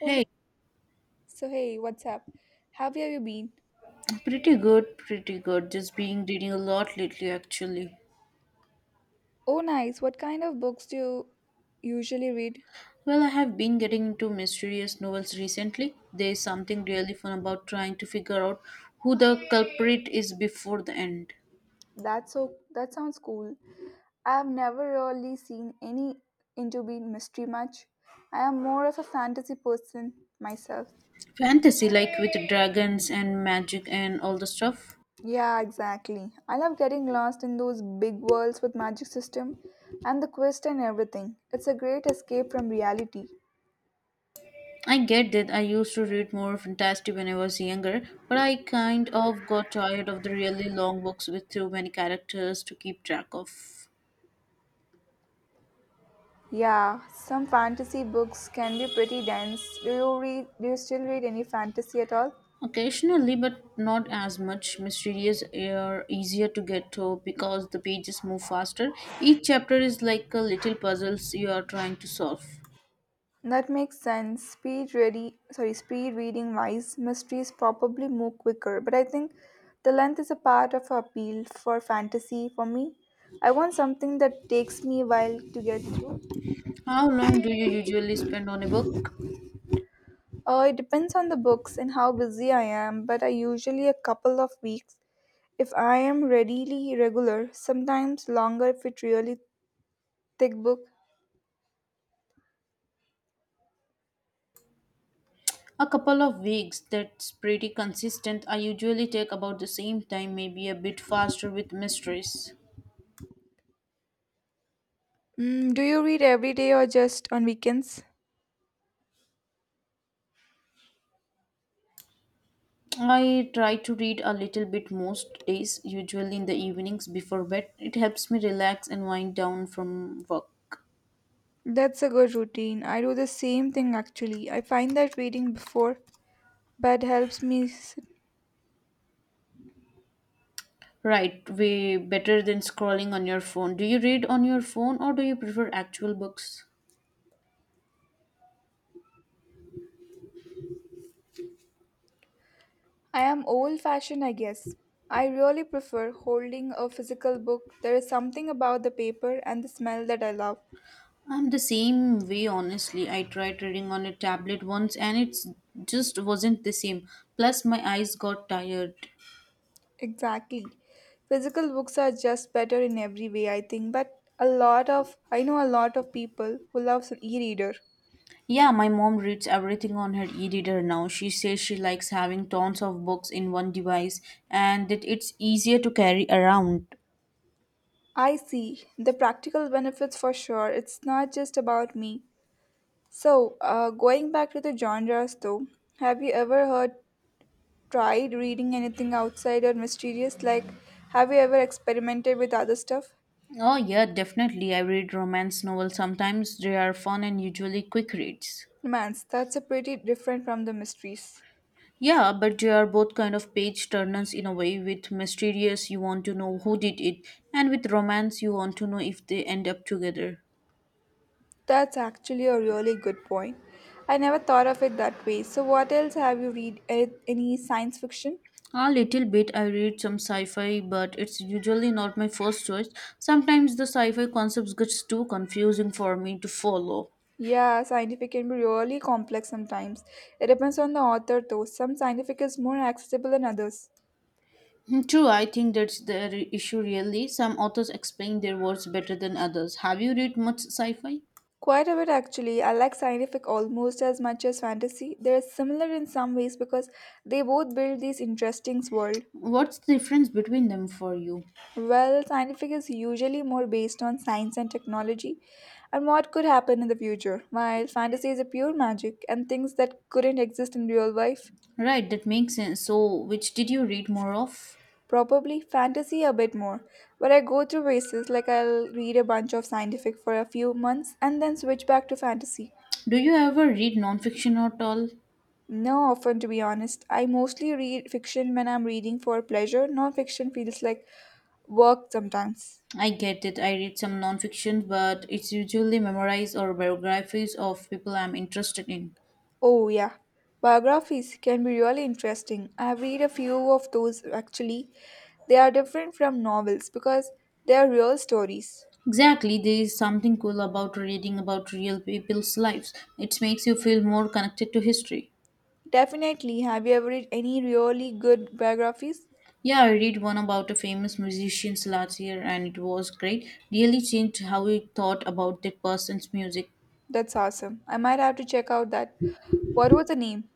Oh, Hey, so hey, what's up? How have you been? pretty good, pretty good. Just been reading a lot lately, actually. Oh, nice. What kind of books do you usually read? Well, I have been getting into mysterious novels recently. There's something really fun about trying to figure out who the culprit is before the end. That sounds cool. I've never really seen any into being mystery much. I am more of a fantasy person myself. Fantasy, like with dragons and magic and all the stuff. Yeah, exactly. I love getting lost in those big worlds with magic system and the quest and everything. It's a great escape from reality. I get that I used to read more fantasy when I was younger, but I kind of got tired of the really long books with too many characters to keep track of. Yeah, some fantasy books can be pretty dense. Do you still read any fantasy at all? Occasionally, but not as much. Mysterious are easier to get to because the pages move faster. Each chapter is like a little puzzles you are trying to solve. That makes sense. Speed reading wise, mysteries probably move quicker, but I think the length is a part of appeal for fantasy for me. I want something that takes me a while to get through. How long do you usually spend on a book? It depends on the books and how busy I am, but I usually a couple of weeks. If I am readily regular, sometimes longer if it's really thick book. A couple of weeks. That's pretty consistent. I usually take about the same time, maybe a bit faster with mysteries. Mm, do you read every day or just on weekends? I try to read a little bit most days, usually in the evenings before bed. It helps me relax and wind down from work. That's a good routine. I do the same thing actually. I find that reading before bed helps me. Right, way better than scrolling on your phone. Do you read on your phone or do you prefer actual books? I am old fashioned, I guess. I really prefer holding a physical book. There is something about the paper and the smell that I love. I'm the same way, honestly. I tried reading on a tablet once and it just wasn't the same. Plus, my eyes got tired. Exactly. Physical books are just better in every way, I think, but a lot of I know a lot of people who loves an e-reader. Yeah, my mom reads everything on her e reader now. She says she likes having tons of books in one device and that it's easier to carry around. I see the practical benefits for sure. It's not just about me. So, going back to the genres though, have you ever heard tried reading anything outside or mysterious? Like, have you ever experimented with other stuff? Oh, yeah, definitely. I read romance novels sometimes. They are fun and usually quick reads. Romance, that's a pretty different from the mysteries. Yeah, but they are both kind of page turners in a way. With mysterious, you want to know who did it, and with romance, you want to know if they end up together. That's actually a really good point. I never thought of it that way. So, what else have you read? Any science fiction? A little bit, I read some sci fi, but it's usually not my first choice. Sometimes the sci fi concepts gets too confusing for me to follow. Yeah, scientific can be really complex sometimes. It depends on the author though. Some scientific is more accessible than others. Hmm, true, I think that's the issue really. Some authors explain their words better than others. Have you read much sci fi? Quite a bit actually. I like scientific almost as much as fantasy. They're similar in some ways because they both build these interesting world. What's the difference between them for you? Well, scientific is usually more based on science and technology and what could happen in the future, while fantasy is a pure magic and things that couldn't exist in real life. Right, that makes sense. So, which did you read more of? Probably fantasy a bit more, but I go through phases like I'll read a bunch of scientific for a few months and then switch back to fantasy. Do you ever read nonfiction at all? No, often to be honest. I mostly read fiction when I'm reading for pleasure. Non-fiction feels like work sometimes. I get it. I read some nonfiction, but it's usually memoirs or biographies of people I'm interested in. Oh, yeah. Biographies can be really interesting. I've read a few of those actually. They are different from novels because they are real stories. Exactly, there is something cool about reading about real people's lives. It makes you feel more connected to history. Definitely. Have you ever read any really good biographies? Yeah, I read one about a famous musician last year and it was great. Really changed how I thought about that person's music. That's awesome. I might have to check out that. What was the name?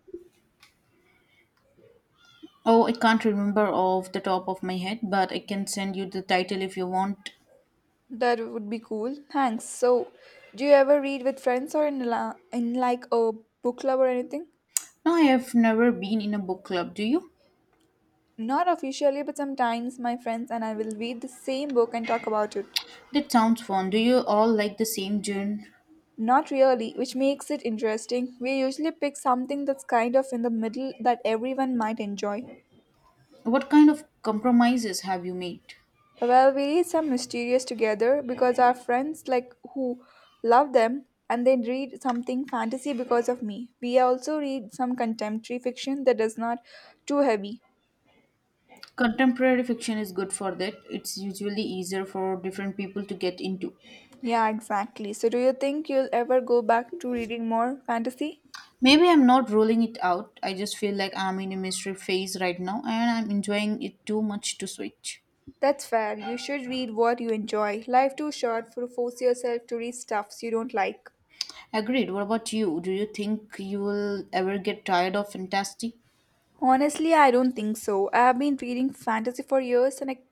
Oh, I can't remember off the top of my head, but I can send you the title if you want. That would be cool. Thanks. So, do you ever read with friends or in like a book club or anything? No, I have never been in a book club. Do you? Not officially, but sometimes my friends and I will read the same book and talk about it. That sounds fun. Do you all like the same genre? Not really, which makes it interesting. We usually pick something that's kind of in the middle that everyone might enjoy. What kind of compromises have you made? Well, we read some mysterious together because our friends like who love them and they read something fantasy because of me. We also read some contemporary fiction that is not too heavy. Contemporary fiction is good for that. It's usually easier for different people to get into. Yeah, exactly. So, do you think you'll ever go back to reading more fantasy? Maybe I'm not ruling it out. I just feel like I'm in a mystery phase right now and I'm enjoying it too much to switch. That's fair. You should read what you enjoy. Life too short for force yourself to read stuffs you don't like. Agreed. What about you? Do you think you will ever get tired of fantasy? Honestly, I don't think so. I've been reading fantasy for years and I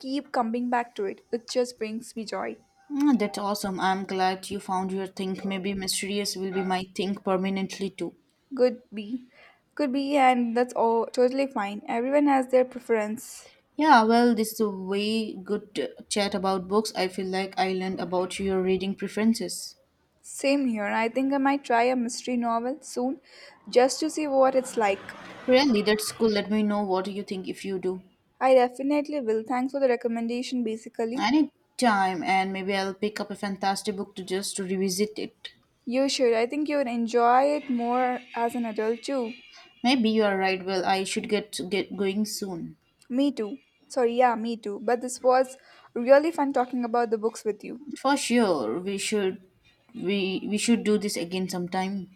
keep coming back to it. It just brings me joy. Mm, that's awesome. I'm glad you found your thing. Maybe mysterious will be my thing permanently too. Could be. Could be, and that's all totally fine. Everyone has their preference. Yeah, well, this is a way good chat about books. I feel like I learned about your reading preferences. Same here. I think I might try a mystery novel soon just to see what it's like. Really, that's cool. Let me know what you think if you do. I definitely will. Thanks for the recommendation, basically. Anytime, and maybe I'll pick up a fantastic book to just revisit it. You should. I think you would enjoy it more as an adult, too. Maybe you are right. Well, I should get going soon. Me, too. Yeah, me, too. But this was really fun talking about the books with you. For sure, we should we should do this again sometime.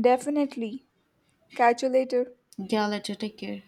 Definitely. Catch you later. Yeah, later. Take care.